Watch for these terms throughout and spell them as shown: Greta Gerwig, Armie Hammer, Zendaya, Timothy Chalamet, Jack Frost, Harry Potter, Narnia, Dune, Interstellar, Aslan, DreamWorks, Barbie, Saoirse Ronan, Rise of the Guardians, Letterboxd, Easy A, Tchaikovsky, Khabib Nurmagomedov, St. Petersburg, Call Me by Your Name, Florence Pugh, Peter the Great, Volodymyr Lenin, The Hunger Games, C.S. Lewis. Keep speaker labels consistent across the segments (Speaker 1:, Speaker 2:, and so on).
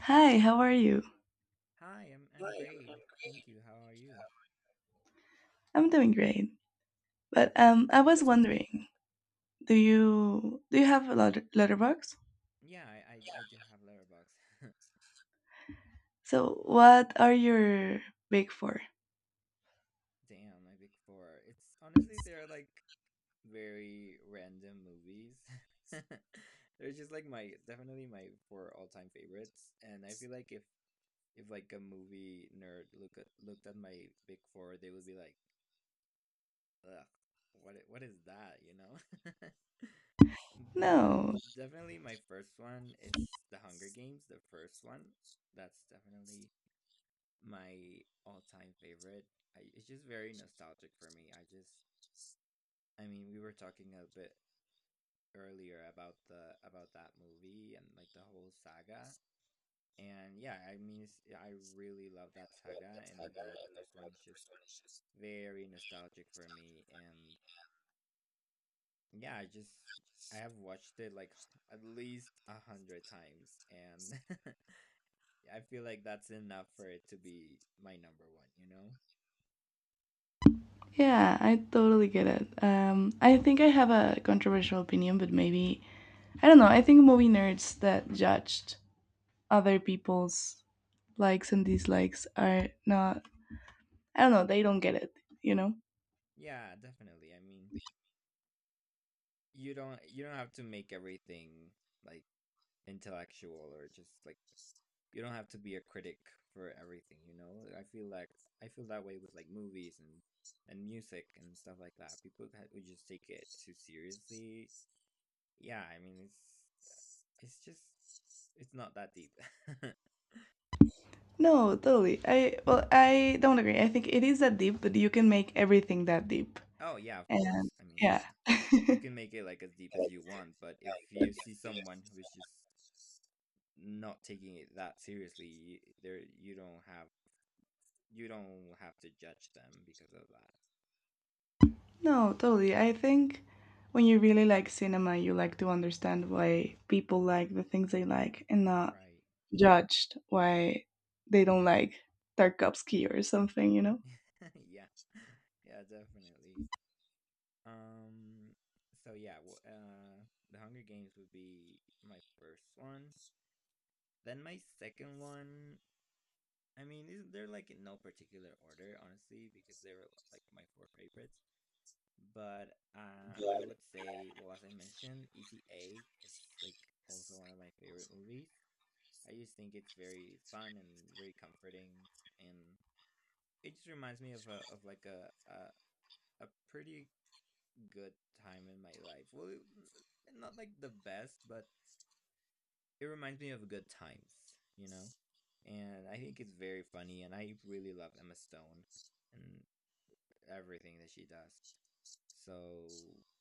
Speaker 1: Hi, how are you?
Speaker 2: Hi, I'm great. Thank you. How are you?
Speaker 1: I'm doing great. But
Speaker 2: That's good to
Speaker 1: I was
Speaker 2: hear.
Speaker 1: wondering, do you have a letterbox?
Speaker 2: Yeah, I do have Letterboxd.
Speaker 1: So what are your big four?
Speaker 2: Damn, my big four. It's honestly, they're like very random movies. They're just like my definitely my four all-time favorites, and I feel like if like a movie nerd looked at my big four, they would be like, "Ugh, what is that?" You know? But
Speaker 1: No.
Speaker 2: definitely my first one is The Hunger Games, the first one. That's definitely my all-time favorite. It's just very nostalgic for me. I mean, we were talking a bit earlier about that movie and like the whole saga. And yeah, I mean, yeah, I really love that saga, and overall the first one is just very nostalgic for me, and yeah, I have watched it like at least 100 times, and I feel like that's enough for it to be my number one, you know?
Speaker 1: Yeah, I totally get it. I think I have a controversial opinion, but maybe I don't know. I think movie nerds that judged other people's likes and dislikes are not. I don't know. They don't get it. You know.
Speaker 2: Yeah, definitely. I mean, you don't have to make everything like intellectual, or just like you don't have to be a critic for everything, you know? I feel that way with like movies and music and stuff like that. People who just take it too seriously. Yeah, I mean, it's just it's not that deep.
Speaker 1: No, totally. I well, I don't agree. I think it is that deep, but you can make everything that deep.
Speaker 2: Oh, yeah, of course. I mean,
Speaker 1: Yeah.
Speaker 2: yeah. You can make it like as deep as you want, but if you see someone who is just not taking it that seriously, you don't have to judge them because of that.
Speaker 1: No, totally. I think when you really like cinema, you like to understand why people like the things they like and not
Speaker 2: Right.
Speaker 1: judged why they don't like Tarkovsky or something, you know?
Speaker 2: Yeah. Yeah, definitely. Um so yeah, well, The Hunger Games would be my first one. Then my second one, I mean, is, they're like in no particular order, honestly, because they were like my four favorites. But I would say, well, as I mentioned, Easy A is like also one of my favorite movies. I just think it's very fun and very comforting, and it just reminds me of a of like a pretty good time in my life. Well, not like the best, but it reminds me of good times, you know. And I think it's very funny, and I really love Emma Stone and everything that she does. So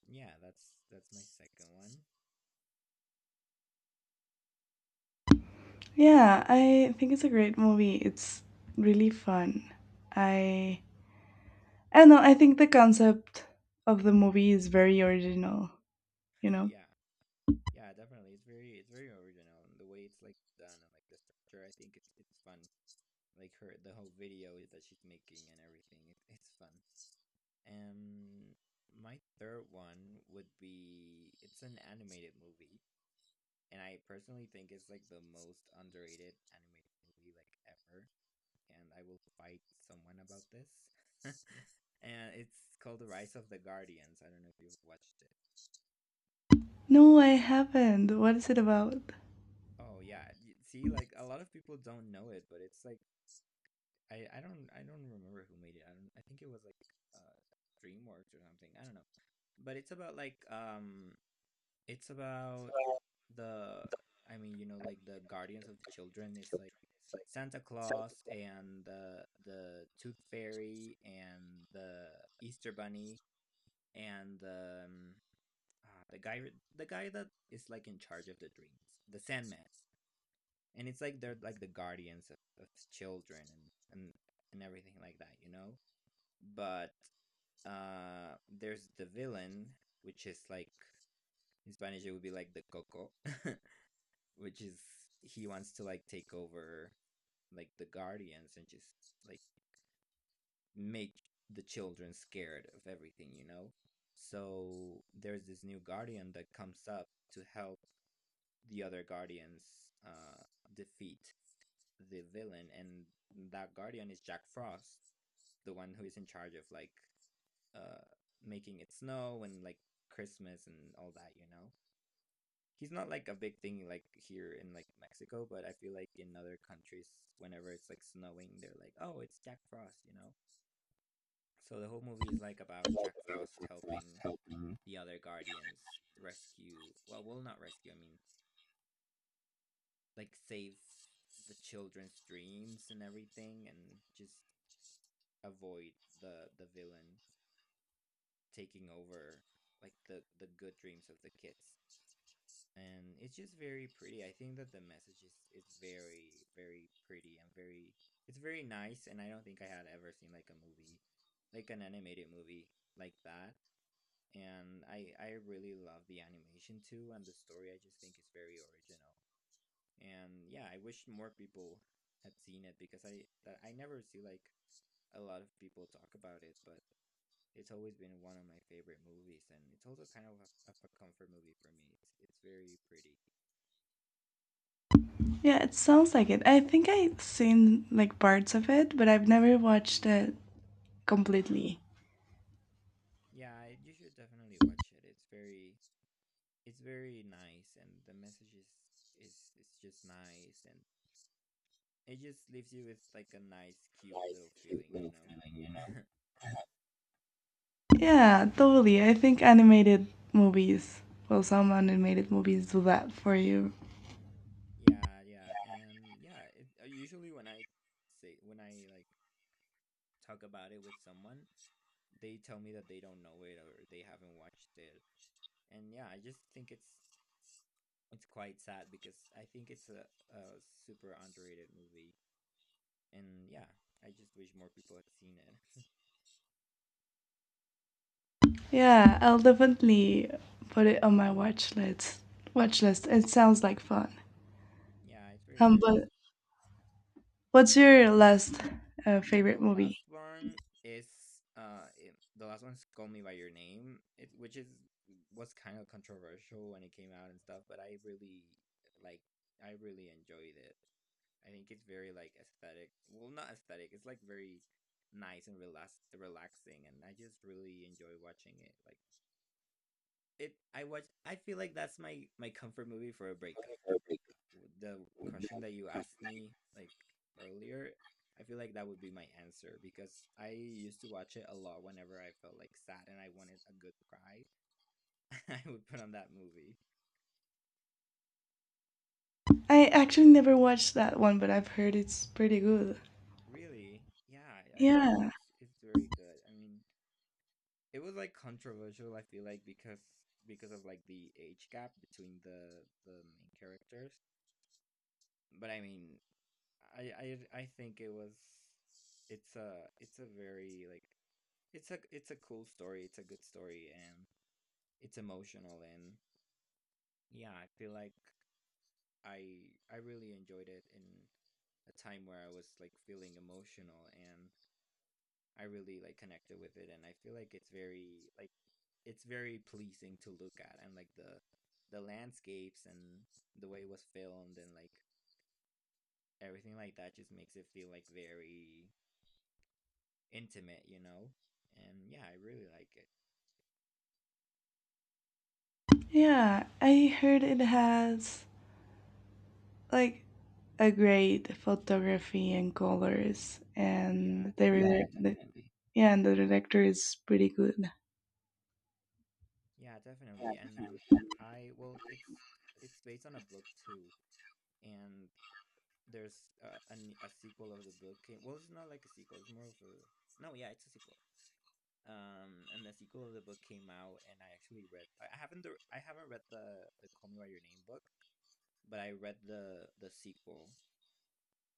Speaker 2: yeah, that's my second one.
Speaker 1: Yeah, I think it's a great movie. It's really fun. I I don't know, I think the concept of the movie is very original, you know?
Speaker 2: Yeah, yeah, definitely, it's very original, and the way it's like done, and like the structure, I think it's fun. Like her, the whole video that she's making and everything, it's fun. um my third one would be, it's an animated movie, and I personally think it's like the most underrated animated movie like ever, and I will fight someone about this. And it's called The Rise of the Guardians. I don't know if you've watched it.
Speaker 1: No, I haven't. What is it about?
Speaker 2: Oh yeah. See, like a lot of people don't know it, but it's like I don't remember who made it. I don't I think it was like uh DreamWorks or something. I don't know. But it's about, like, it's about the I mean, you know, like the guardians of the children. It's like Santa Claus and the Tooth Fairy and the Easter Bunny and uh, the guy the guy that is like in charge of the dreams, the Sandman. And it's like they're like the guardians of children, and everything like that. But there's the villain, which is like in Spanish it would be like the Coco. which is he wants to like take over, like, the guardians, and just like make the children scared of everything. So there's this new guardian that comes up to help the other guardians uh defeat the villain, and that guardian is Jack Frost, the one who is in charge of like uh making it snow and like Christmas and all that. He's not like a big thing like here in like Mexico, but I feel like in other countries, whenever it's like snowing, they're like, "Oh, it's Jack Frost." So the whole movie is like about Jack Frost helping the other guardians rescue. Well, not rescue. I mean, like save the children's dreams and everything, and just avoid the villain taking over, like, the good dreams of the kids. And it's just very pretty. I think that the message is very very pretty, and very it's very nice. And I don't think I had ever seen like an animated movie like that. And I really love the animation too, and the story I just think is very original. And yeah, I wish more people had seen it because I never see like a lot of people talk about it, but it's always been one of my favorite movies, and it's also kind of a comfort movie for me. It's very pretty.
Speaker 1: Yeah, it sounds like it. I think I've seen like parts of it, but I've never watched it completely.
Speaker 2: Yeah, you should definitely watch it. It's very nice, and the message is it's just nice, and it just leaves you with like a nice, cute little feeling.
Speaker 1: Yeah, totally. I think animated movies, well, some animated movies do that for you.
Speaker 2: Yeah, yeah, and yeah. Usually, when I like talk about it with someone, they tell me that they don't know it or they haven't watched it, and yeah, I just think it's quite sad because I think it's a super underrated movie. And yeah, I just wish more people had seen it.
Speaker 1: Yeah, I'll definitely put it on my watch list. It sounds like fun.
Speaker 2: Yeah, it's very nice.
Speaker 1: But what's your last
Speaker 2: And
Speaker 1: favorite movie?
Speaker 2: the last one's Call Me by Your Name, it, which is was kind of controversial when it came out and stuff, but like I really enjoyed it. I think it's very like aesthetic. Well, not aesthetic. It's like very nice and relaxing, and I just really enjoy watching it. Like, it I watch I feel like that's my comfort movie for a breakup, the question that you asked me like earlier. I feel like that would be my answer because I used to watch it a lot whenever I felt like sad and I wanted a good cry. I would put on that movie.
Speaker 1: I actually never watched that one, but I've heard it's pretty good.
Speaker 2: Really? Yeah. I think
Speaker 1: Yeah,
Speaker 2: it's very good. I mean, it was like controversial I feel like because of like the age gap between the main characters. But I mean, I think it's a it's a very like it's a cool story. It's a good story, and it's emotional, and yeah, I feel like I really enjoyed it in a time where I was like feeling emotional, and I really like connected with it, and I feel like it's very pleasing to look at, and like the landscapes and the way it was filmed and like everything like that just makes it feel like very intimate, you know? And yeah, I really like it.
Speaker 1: yeah. I heard it has like a great photography and colors,
Speaker 2: Yeah,
Speaker 1: yeah,
Speaker 2: definitely.
Speaker 1: and the director is pretty good.
Speaker 2: Yeah, definitely. And I well, it's based on a book too, and there's a sequel of the book. Came, well, it's not like a sequel. It's more of a, no. Yeah, it's a sequel. And the sequel of the book came out, and I actually read. I haven't read the Call Me by Your Name book, but I read the sequel,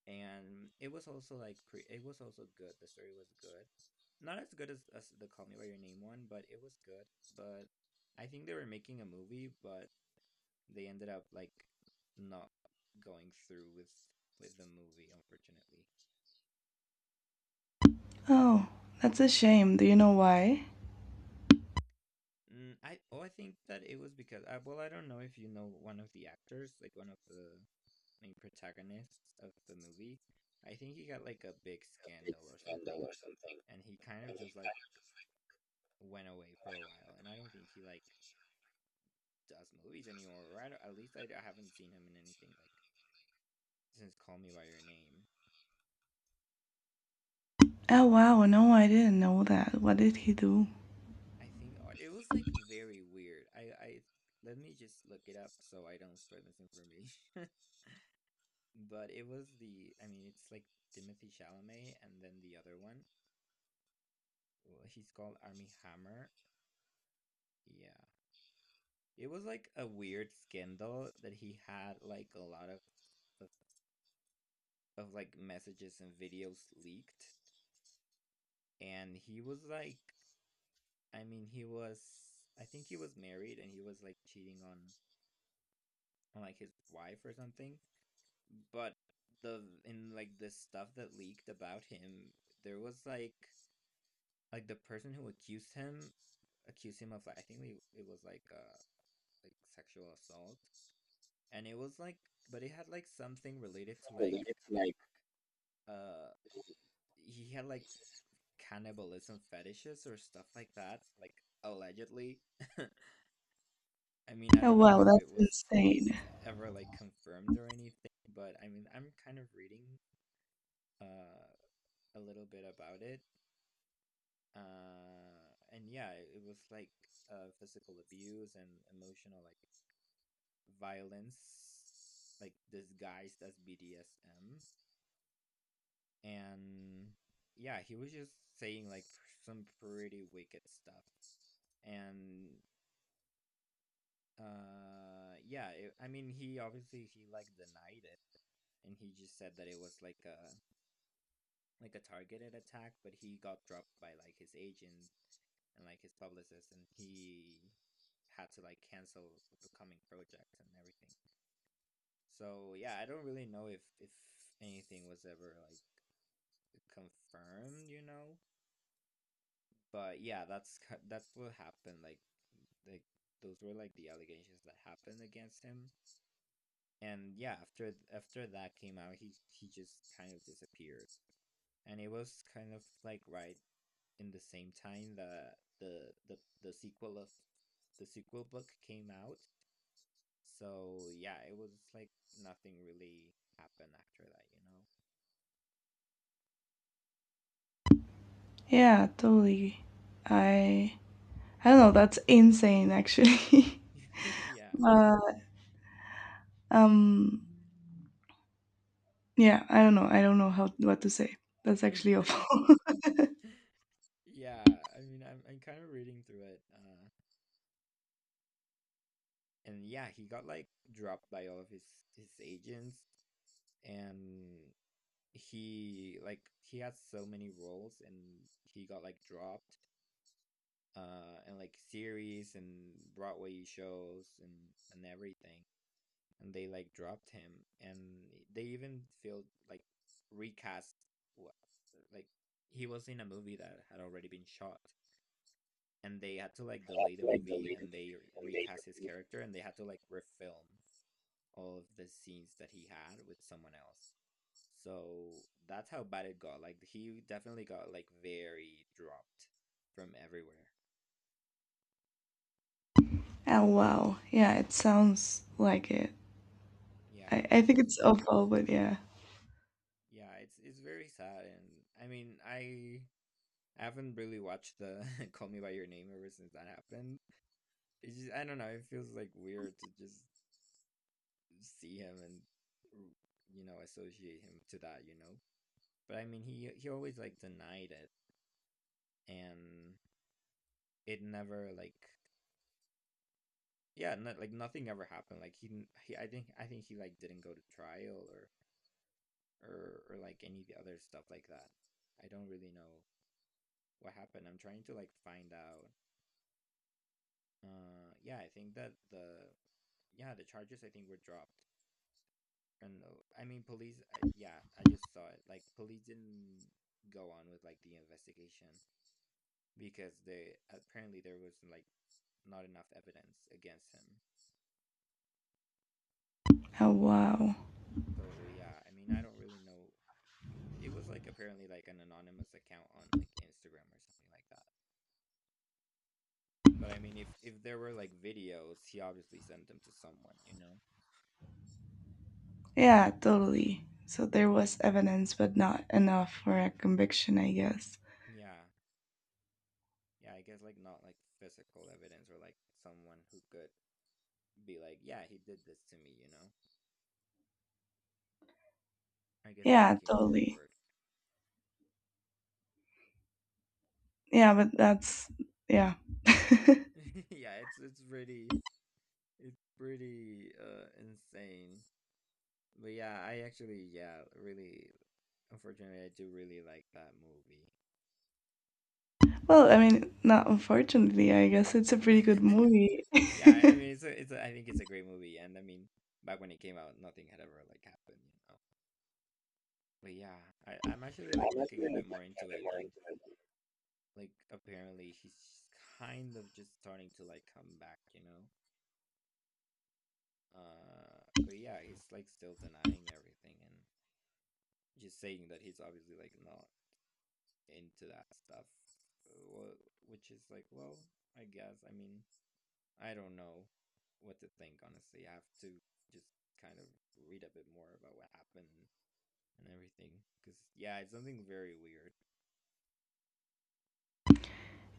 Speaker 2: and it was also good. The story was good, not as good as the Call Me by Your Name one, but it was good. But I think they were making a movie, but they ended up like not going through with the movie, unfortunately.
Speaker 1: Oh, that's a shame. Do you know why?
Speaker 2: I think that it was because well, I don't know if you know one of the actors, like one of the main protagonists of the movie. I think he got like a big scandal or something, and he kind of just like went away for a while, and I don't think he like does movies anymore, or I don't- at least I haven't seen him in anything like since Call Me by Your Name.
Speaker 1: Oh wow, no, I didn't know that. What did he do?
Speaker 2: I think it was like very weird. I let me just look it up so I don't spread misinformation. But it was the I mean, it's like Timothy Chalamet and then the other one. Well, he's called Army Hammer. Yeah. It was like a weird scandal that he had like a lot of, of like messages and videos leaked, and he was like I mean, he was I think he was married and he was like cheating on like his wife or something. But the in like the stuff that leaked about him, there was like the person who accused him of like I think it was like sexual assault. And it was like, but it had like something related to like uh he had like cannibalism fetishes or stuff like that, like allegedly. I mean, I
Speaker 1: Oh
Speaker 2: don't know
Speaker 1: wow,
Speaker 2: if it
Speaker 1: that's
Speaker 2: was
Speaker 1: insane.
Speaker 2: ever like confirmed or anything, but I mean, I'm kind of reading uh a little bit about it. And yeah, it was like physical abuse and emotional like violence, like disguised as BDSM. And yeah, he was just saying like some pretty wicked stuff. And yeah, I mean, he obviously, he like denied it and he just said that it was like a targeted attack, but he got dropped by like his agent and like his publicist, and he had to like cancel the coming projects and everything. So yeah, I don't really know if anything was ever like confirmed. But yeah, that's what happened. Like those were like the allegations that happened against him. And yeah, after that came out, he just kind of disappeared. And it was kind of like right in the same time that the sequel of the sequel book came out. So yeah, it was like nothing really happened after that,
Speaker 1: Yeah, totally. I I don't know. That's insane, actually.
Speaker 2: you
Speaker 1: uh, um, yeah, I don't know. I don't know how what to say. That's actually awful.
Speaker 2: yeah. Yeah, I mean I'm kind of reading through it. And yeah, he got like dropped by all of his agents. And he like he has so many roles and he got like dropped and like series and Broadway shows and everything. And they like dropped him, and they even feel like recast. What like He was in a movie that had already been shot and they had to like delay the movie, and they recast his character and they had to like refilm all of the scenes that he had with someone else. So that's how bad it got. Like he definitely got like very dropped from everywhere,
Speaker 1: Oh wow, yeah, it sounds like it.
Speaker 2: yeah,
Speaker 1: I
Speaker 2: which
Speaker 1: think
Speaker 2: is.
Speaker 1: it's awful, but yeah.
Speaker 2: Yeah, it's very sad, and I mean, I haven't really watched the Call Me by Your Name ever since that happened. It's just I don't know. It feels like weird to just see him and you know associate him to that. But I mean, he always like denied it, and it never like, yeah, not, like nothing ever happened. Like he, didn't- he I think he like didn't go to trial or like any of the other stuff like that. I don't really know what happened. I'm trying to like find out. Yeah, I think that the charges I think were dropped, and I mean police. Yeah, I just saw it. Like police didn't go on with like the investigation because they apparently there was like not enough evidence against him.
Speaker 1: Oh, wow.
Speaker 2: So yeah, I mean I don't really know. It was like apparently like an anonymous account on like Instagram or something like that. But I mean if there were like videos, he obviously sent them to someone, you know.
Speaker 1: Yeah, totally. So there was evidence, but not enough for a conviction, I guess.
Speaker 2: Yeah, yeah, I guess like not like physical evidence or like someone who could be like, yeah, he did this to me, you know? I guess no one
Speaker 1: Yeah,
Speaker 2: came
Speaker 1: totally.
Speaker 2: forward.
Speaker 1: Yeah, but that's, yeah.
Speaker 2: Yeah, it's pretty, it's pretty insane. But yeah, I actually, yeah, really unfortunately I do really like that movie.
Speaker 1: Well, I mean, not unfortunately, I guess it's a pretty good movie.
Speaker 2: Yeah, I mean I think it's a great movie, and I mean back when it came out nothing had ever like happened, you know. But yeah, I'm actually like looking a bit more into it, and like apparently she's kind of just starting to like come back, you know. uh but yeah, he's like still denying everything and just saying that he's obviously like not into that stuff. Which is like, well, I guess, I mean, I don't know what to think honestly. I have to just kind of read a bit more about what happened and everything, because yeah, it's something very weird.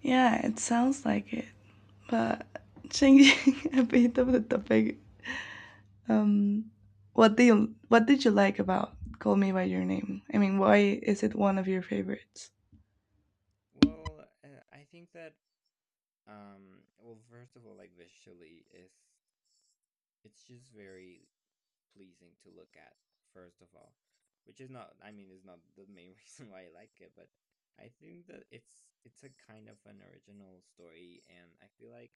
Speaker 1: Yeah, it sounds like it. But changing a bit of the topic, um, what did you like about Call Me by Your Name? I mean, why is it one of your favorites?
Speaker 2: Well, I think that, well, first of all, like visually, is it's just very pleasing to look at, first of all, which is not, I mean, is not the main reason why I like it, but I think that it's a kind of an original story, and I feel like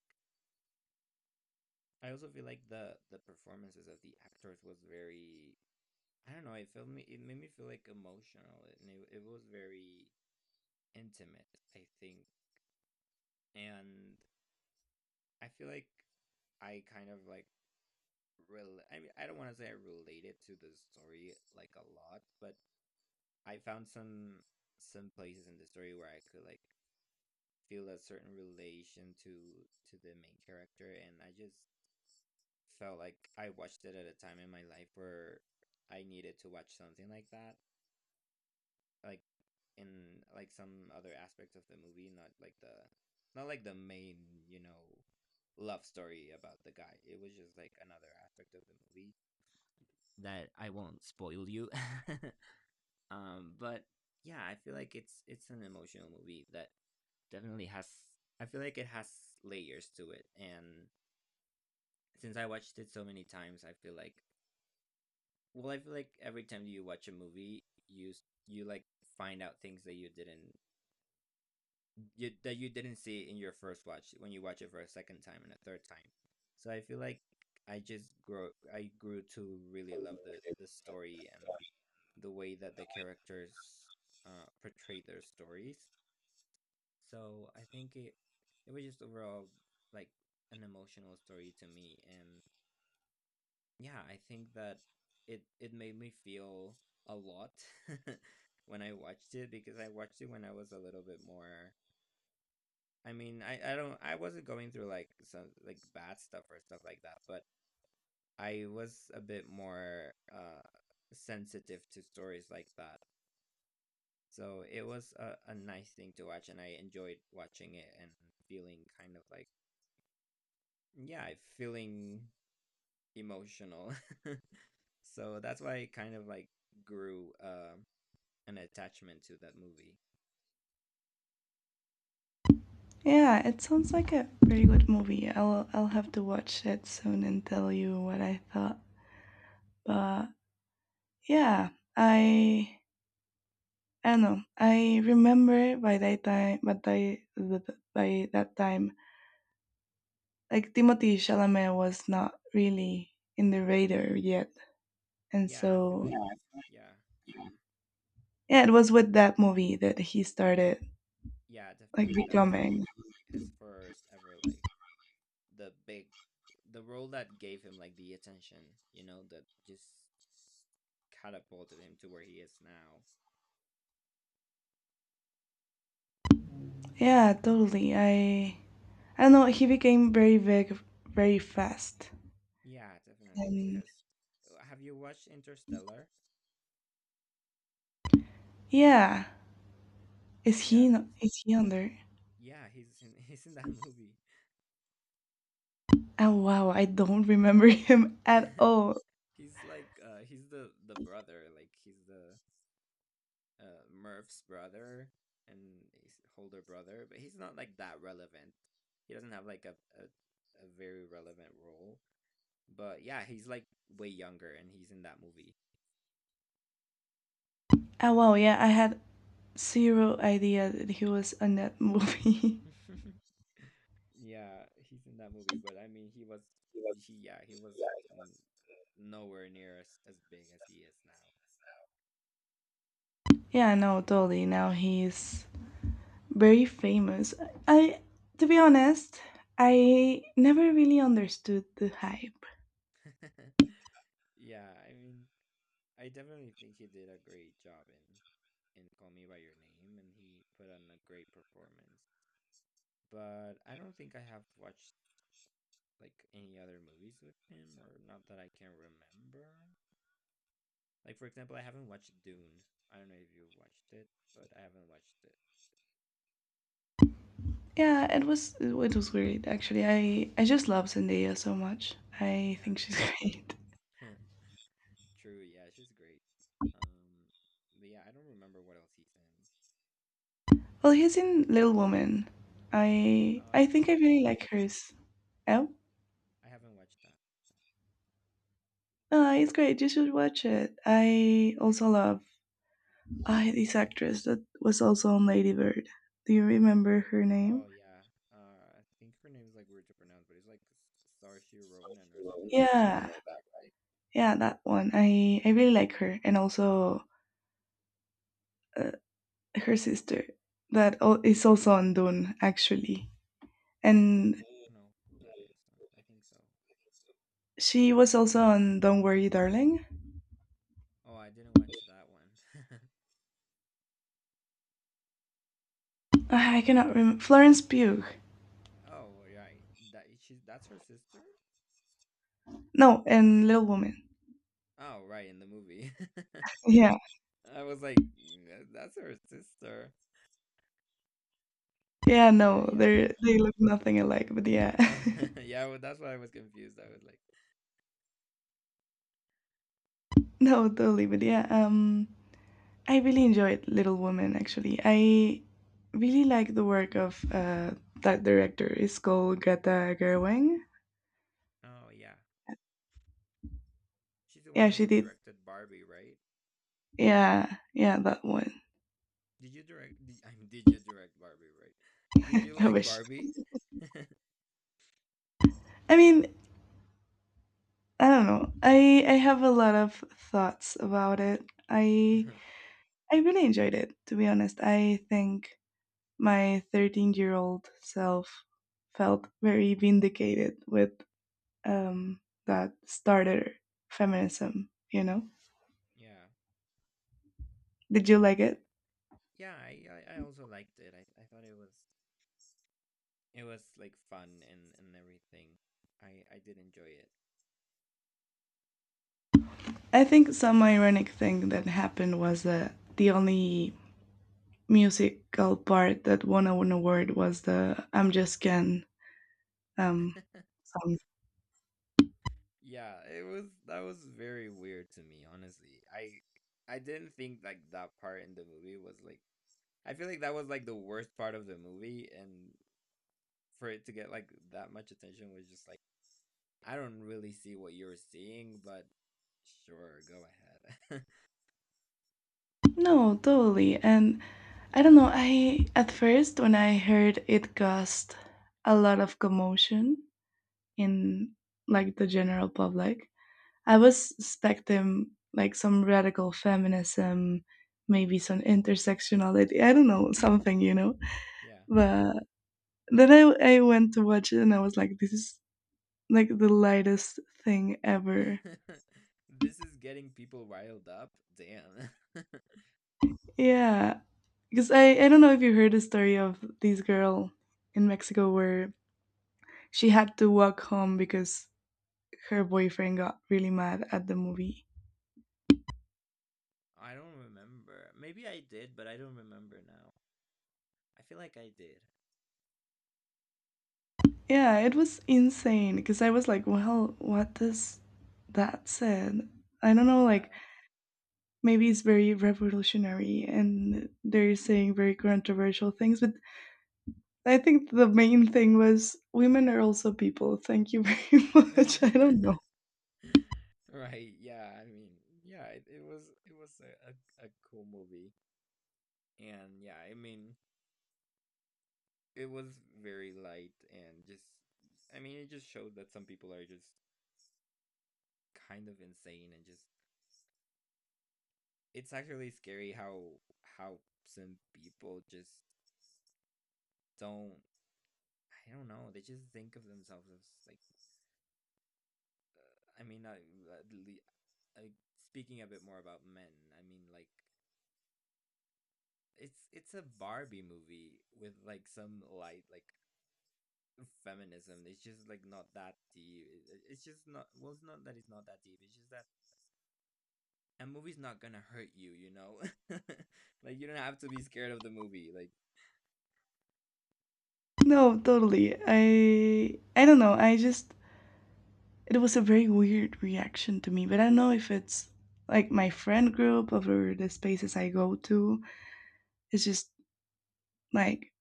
Speaker 2: I also feel like the performances of the actors was very, I don't know, it felt me, it made me feel like emotional, and it was very intimate, I think, and I feel like I kind of like. I mean, I don't want to say I related to the story like a lot, but I found some places in the story where I could like feel a certain relation to the main character, and I just felt like I watched it at a time in my life where I needed to watch something like that, like in like some other aspect of the movie, not like the main, you know, love story about the guy. It was just like another aspect of the movie that I won't spoil you. But yeah, I feel like it's an emotional movie that definitely has, I feel like it has layers to it, and since I watched it so many times I feel like, well, I feel like every time you watch a movie you, you like find out things that you didn't, that you didn't see in your first watch when you watch it for a second time and a third time. So I feel like I just grow I grew to really love the story and the way that the characters portray their stories. So I think it was just overall like an emotional story to me, and yeah, I think that it made me feel a lot when I watched it, because I watched it when I was a little bit more, I mean, I don't, I wasn't going through like some like bad stuff or stuff like that, but I was a bit more sensitive to stories like that. So it was a nice thing to watch and I enjoyed watching it and feeling kind of like, yeah, I'm feeling emotional. So that's why I kind of like grew an attachment to that movie.
Speaker 1: Yeah, it sounds like a pretty good movie. I'll have to watch it soon and tell you what I thought. But yeah, I I don't know. I remember by that time, but by that time, like Timothy Chalamet was not really in the radar yet, and
Speaker 2: Yeah, I feel
Speaker 1: so
Speaker 2: like, yeah,
Speaker 1: yeah, it was with that movie that he started
Speaker 2: yeah,
Speaker 1: like
Speaker 2: definitely. That was like
Speaker 1: becoming.
Speaker 2: his first ever like the big, the role that gave him like the attention, you know, that just catapulted him to where he is now.
Speaker 1: Yeah, totally. I don't know. He became very big very fast,
Speaker 2: Yeah, definitely,
Speaker 1: and
Speaker 2: because have you watched Interstellar?
Speaker 1: yeah. Is he
Speaker 2: Yeah,
Speaker 1: no- Is he under?
Speaker 2: yeah, he's in he's in that movie.
Speaker 1: Oh wow, I don't remember him at all.
Speaker 2: He's like he's the brother, like he's the Murph's brother and his older brother, but he's not like that relevant. He doesn't have like a, a very relevant role. But yeah, he's like way younger and he's in that movie.
Speaker 1: Oh wow, yeah, I had zero idea that he was on that movie.
Speaker 2: Yeah, he's in that movie, but I mean he was, he yeah, he was mm, nowhere near as big as he is
Speaker 1: Yeah, no, totally. Now he's very famous. I, to be honest, I never really understood the hype.
Speaker 2: now. Yeah, I mean I definitely think he did a great job in Call Me by Your Name, and he put on a great performance. But I don't think I have watched like any other movies with him, or not that I can remember. Like for example, I haven't watched Dune. I don't know if you have watched it, but I haven't watched it.
Speaker 1: Yeah, it was weird actually. I just love Zendaya so much. I
Speaker 2: Yeah,
Speaker 1: think she's
Speaker 2: true,
Speaker 1: great.
Speaker 2: true. Yeah, she's great. Um, but yeah, I don't remember what else he's in.
Speaker 1: Well, he's in Little Woman. I
Speaker 2: Oh, I
Speaker 1: I
Speaker 2: haven't
Speaker 1: think I
Speaker 2: watched
Speaker 1: really
Speaker 2: that.
Speaker 1: like hers. Oh?
Speaker 2: I haven't watched that.
Speaker 1: It's great. You should watch it. I also love this actress that was also on Lady Bird. Do you remember her name?
Speaker 2: Oh yeah. I think her name is like weird to pronounce, but it's like Saoirse Ronan or something like that,
Speaker 1: Yeah,
Speaker 2: right?
Speaker 1: yeah, that one. I really like her, and also uh, her sister that is also on Dune actually,
Speaker 2: Mm.
Speaker 1: and
Speaker 2: I don't know who that is. I think so.
Speaker 1: she was also on Don't Worry, Darling.
Speaker 2: Oh, I didn't watch that one.
Speaker 1: Ah, I cannot remember Florence Pugh.
Speaker 2: Oh, right. That she's, that's her sister?
Speaker 1: No, and Little Woman.
Speaker 2: Oh, right, in the movie.
Speaker 1: Yeah,
Speaker 2: I was like, "Yeah, that's her sister.
Speaker 1: yeah.
Speaker 2: Yeah,
Speaker 1: No,
Speaker 2: yeah.
Speaker 1: they look nothing alike, but yeah.
Speaker 2: Yeah, well, that's why I was confused. I was like,
Speaker 1: No, totally. But yeah, I really enjoyed Little Women. Actually, I really like the work of that director. It's called Greta Gerwig.
Speaker 2: oh yeah. She's the
Speaker 1: Yeah,
Speaker 2: one
Speaker 1: she
Speaker 2: who
Speaker 1: did.
Speaker 2: directed Barbie, right?
Speaker 1: Yeah, yeah, that one.
Speaker 2: Did you direct, did, I mean, did you direct Barbie, right? Did you
Speaker 1: I
Speaker 2: like
Speaker 1: wish.
Speaker 2: Barbie?
Speaker 1: I mean, I don't know. I have a lot of thoughts about it. I
Speaker 2: Mhm.
Speaker 1: I really enjoyed it. To be honest, I think my 13-year-old self felt very vindicated with um, that started feminism, you know?
Speaker 2: Yeah,
Speaker 1: Did you like
Speaker 2: yeah,
Speaker 1: it?
Speaker 2: yeah. I also liked it. I thought it was, it was like fun and everything. I did enjoy it.
Speaker 1: I think some ironic thing that happened was that the only musical part that won an award was the I'm Just Ken um, song.
Speaker 2: Yeah, it was, that was very weird to me, honestly. I didn't think like that part in the movie was like, I feel like that was like the worst part of the movie and for it to get like that much attention was just like, I don't really see what you're seeing, but sure, go ahead.
Speaker 1: No, totally. And I don't know, I at first when I heard it caused a lot of commotion in like the general public. I was expecting like some radical feminism, maybe some intersectionality. I don't know, something, you know.
Speaker 2: Yeah.
Speaker 1: But then I went to watch it and I was like, this is like the lightest thing ever.
Speaker 2: This is getting people riled up. Damn.
Speaker 1: Yeah. Because I don't know if you heard the story of this girl in Mexico where she had to walk home because her boyfriend got really mad at the movie.
Speaker 2: I don't remember. Maybe I did, but I don't remember now. I feel like I did.
Speaker 1: Yeah, it was insane because I was like, well, what does that said? I don't know, like
Speaker 2: Yeah.
Speaker 1: maybe it's very revolutionary and they're saying very controversial things, but I think the main thing was women are also people. Thank you very much. I don't know.
Speaker 2: Right. Yeah. I mean, yeah, it was, it was a cool movie. And yeah, I mean, it was very light, and just, I mean, it just showed that some people are just kind of insane, and just, it's actually scary how how some people just don't, I don't know. They just think of themselves as like. I mean, not like speaking a bit more about men. I mean, like it's a Barbie movie with like some light like feminism. It's just like not that deep. It's just not. Well, it's not that deep. It's just that a movie's not gonna hurt you. You know, like you don't have to be scared of the movie. Like
Speaker 1: No, totally. I don't know, I just it was a very weird reaction to me, but I don't know if it's like my friend group or the spaces I go to. It's just like,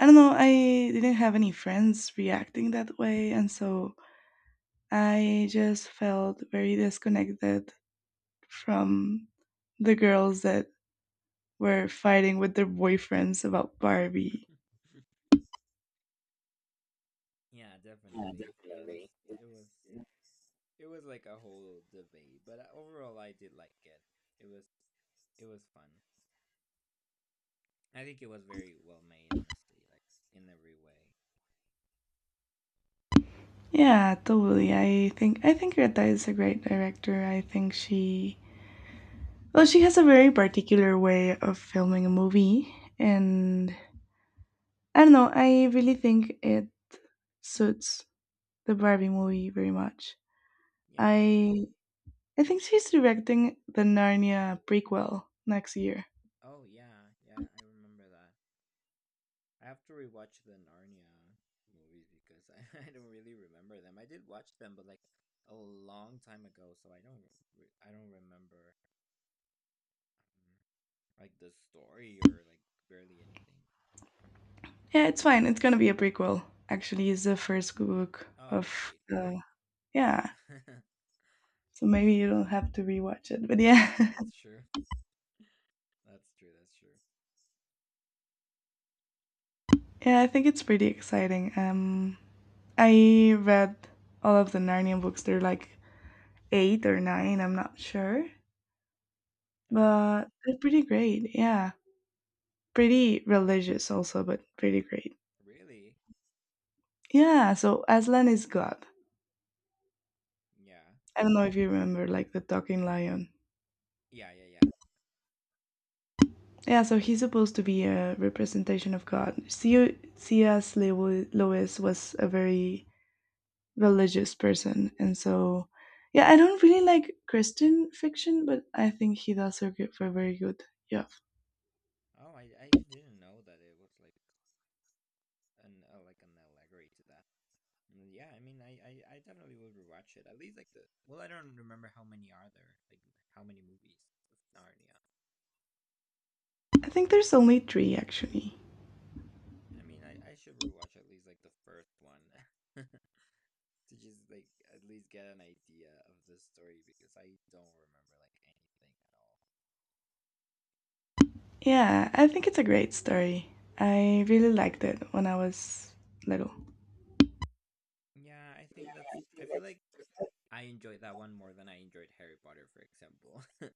Speaker 1: I don't know, I didn't have any friends reacting that way, and so I just felt very disconnected from the girls that were fighting with their boyfriends about Barbie.
Speaker 2: yeah, definitely. It was. It was. It was like a whole debate, but overall, I did like it. It was, it was fun. I think it was very well made, honestly, like in every way.
Speaker 1: Yeah, totally. I think Greta is a great director. I think she well, she has a very particular way of filming a movie, and I don't know, I really think it suits the Barbie movie very much.
Speaker 2: Yeah.
Speaker 1: I I think she's directing the Narnia prequel next year.
Speaker 2: Oh yeah, yeah. I remember that. I have to rewatch the Narnia movies because I don't really remember them. I did watch them, but like a long time ago, so I don't I don't remember um, like the story or like barely anything.
Speaker 1: Yeah, it's fine. It's gonna be a prequel. Actually, it's the first book
Speaker 2: Oh
Speaker 1: of
Speaker 2: right,
Speaker 1: the. Yeah.
Speaker 2: right.
Speaker 1: So maybe you don't have to rewatch it. But
Speaker 2: Yeah,
Speaker 1: yeah.
Speaker 2: that's true. That's true. That's true.
Speaker 1: Yeah, I think it's pretty exciting. I read all of the Narnia books. They're like 8 or 9, I'm not sure.
Speaker 2: Oh wow.
Speaker 1: But they're pretty great. Yeah. Pretty religious also, but pretty great.
Speaker 2: Really?
Speaker 1: Yeah, so Aslan is God.
Speaker 2: Yeah.
Speaker 1: I don't know if you remember like the talking lion.
Speaker 2: Yeah, yeah, yeah.
Speaker 1: Yeah, so he's supposed to be a representation of God. Sia Lewis was a very religious person, and so yeah, I don't really like Christian fiction, but I think hidasugir were very good. Yeah,
Speaker 2: Oh, I didn't know that it was like an allegory to that. Mm. Yeah, I mean, I definitely would rewatch it. At least like the, well, I don't remember how many are there, like how many movies of Narnia.
Speaker 1: I think there's only three actually.
Speaker 2: I mean, I should rewatch at least like the first one to just like at least get an idea of the story because I don't remember like anything at all.
Speaker 1: Yeah, I think it's a great story. I really liked it when I was little.
Speaker 2: Yeah, I think that's, I feel like I enjoyed that one more than I enjoyed Harry Potter, for example,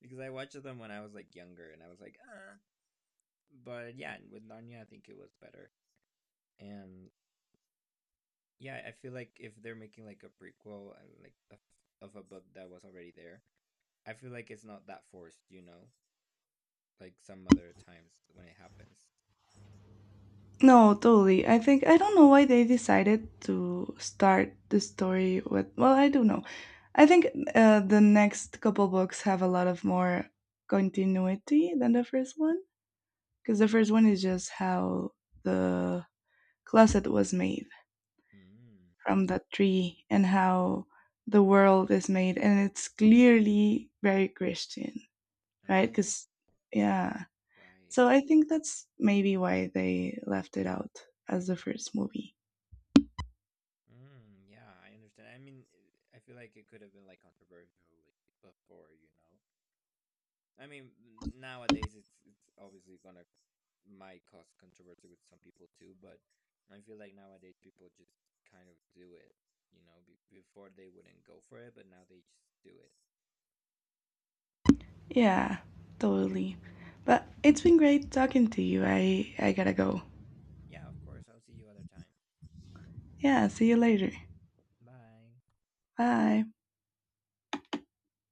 Speaker 2: because I watched them when I was like younger, and I was like, ah. But yeah, with Narnia, I think it was better, and yeah, I feel like if they're making like a prequel and like of a book that was already there, I feel like it's not that forced, you know, like some other times when it happens.
Speaker 1: No, totally. I think I don't know why they decided to start the story with, well, I do know. I think the next couple books have a lot of more continuity than the first one, because the first one is just how the closet was made
Speaker 2: Mm.
Speaker 1: from that tree and how the world is made, and it's clearly very Christian, right?
Speaker 2: Oh,
Speaker 1: Because yeah,
Speaker 2: right.
Speaker 1: so I think that's maybe why they left it out as the first movie.
Speaker 2: Mm, yeah, I understand. I mean, I feel like it could have been like controversial like before, you know, I mean, nowadays it's obviously gonna might cause controversy with some people too, but I feel like nowadays people just kind of do it. You know, before they wouldn't go for it, but now they just do it.
Speaker 1: Yeah, totally. But it's been great talking to you. I gotta go.
Speaker 2: Yeah, of course. I'll see you other time.
Speaker 1: Yeah, see you later.
Speaker 2: Bye.
Speaker 1: Bye.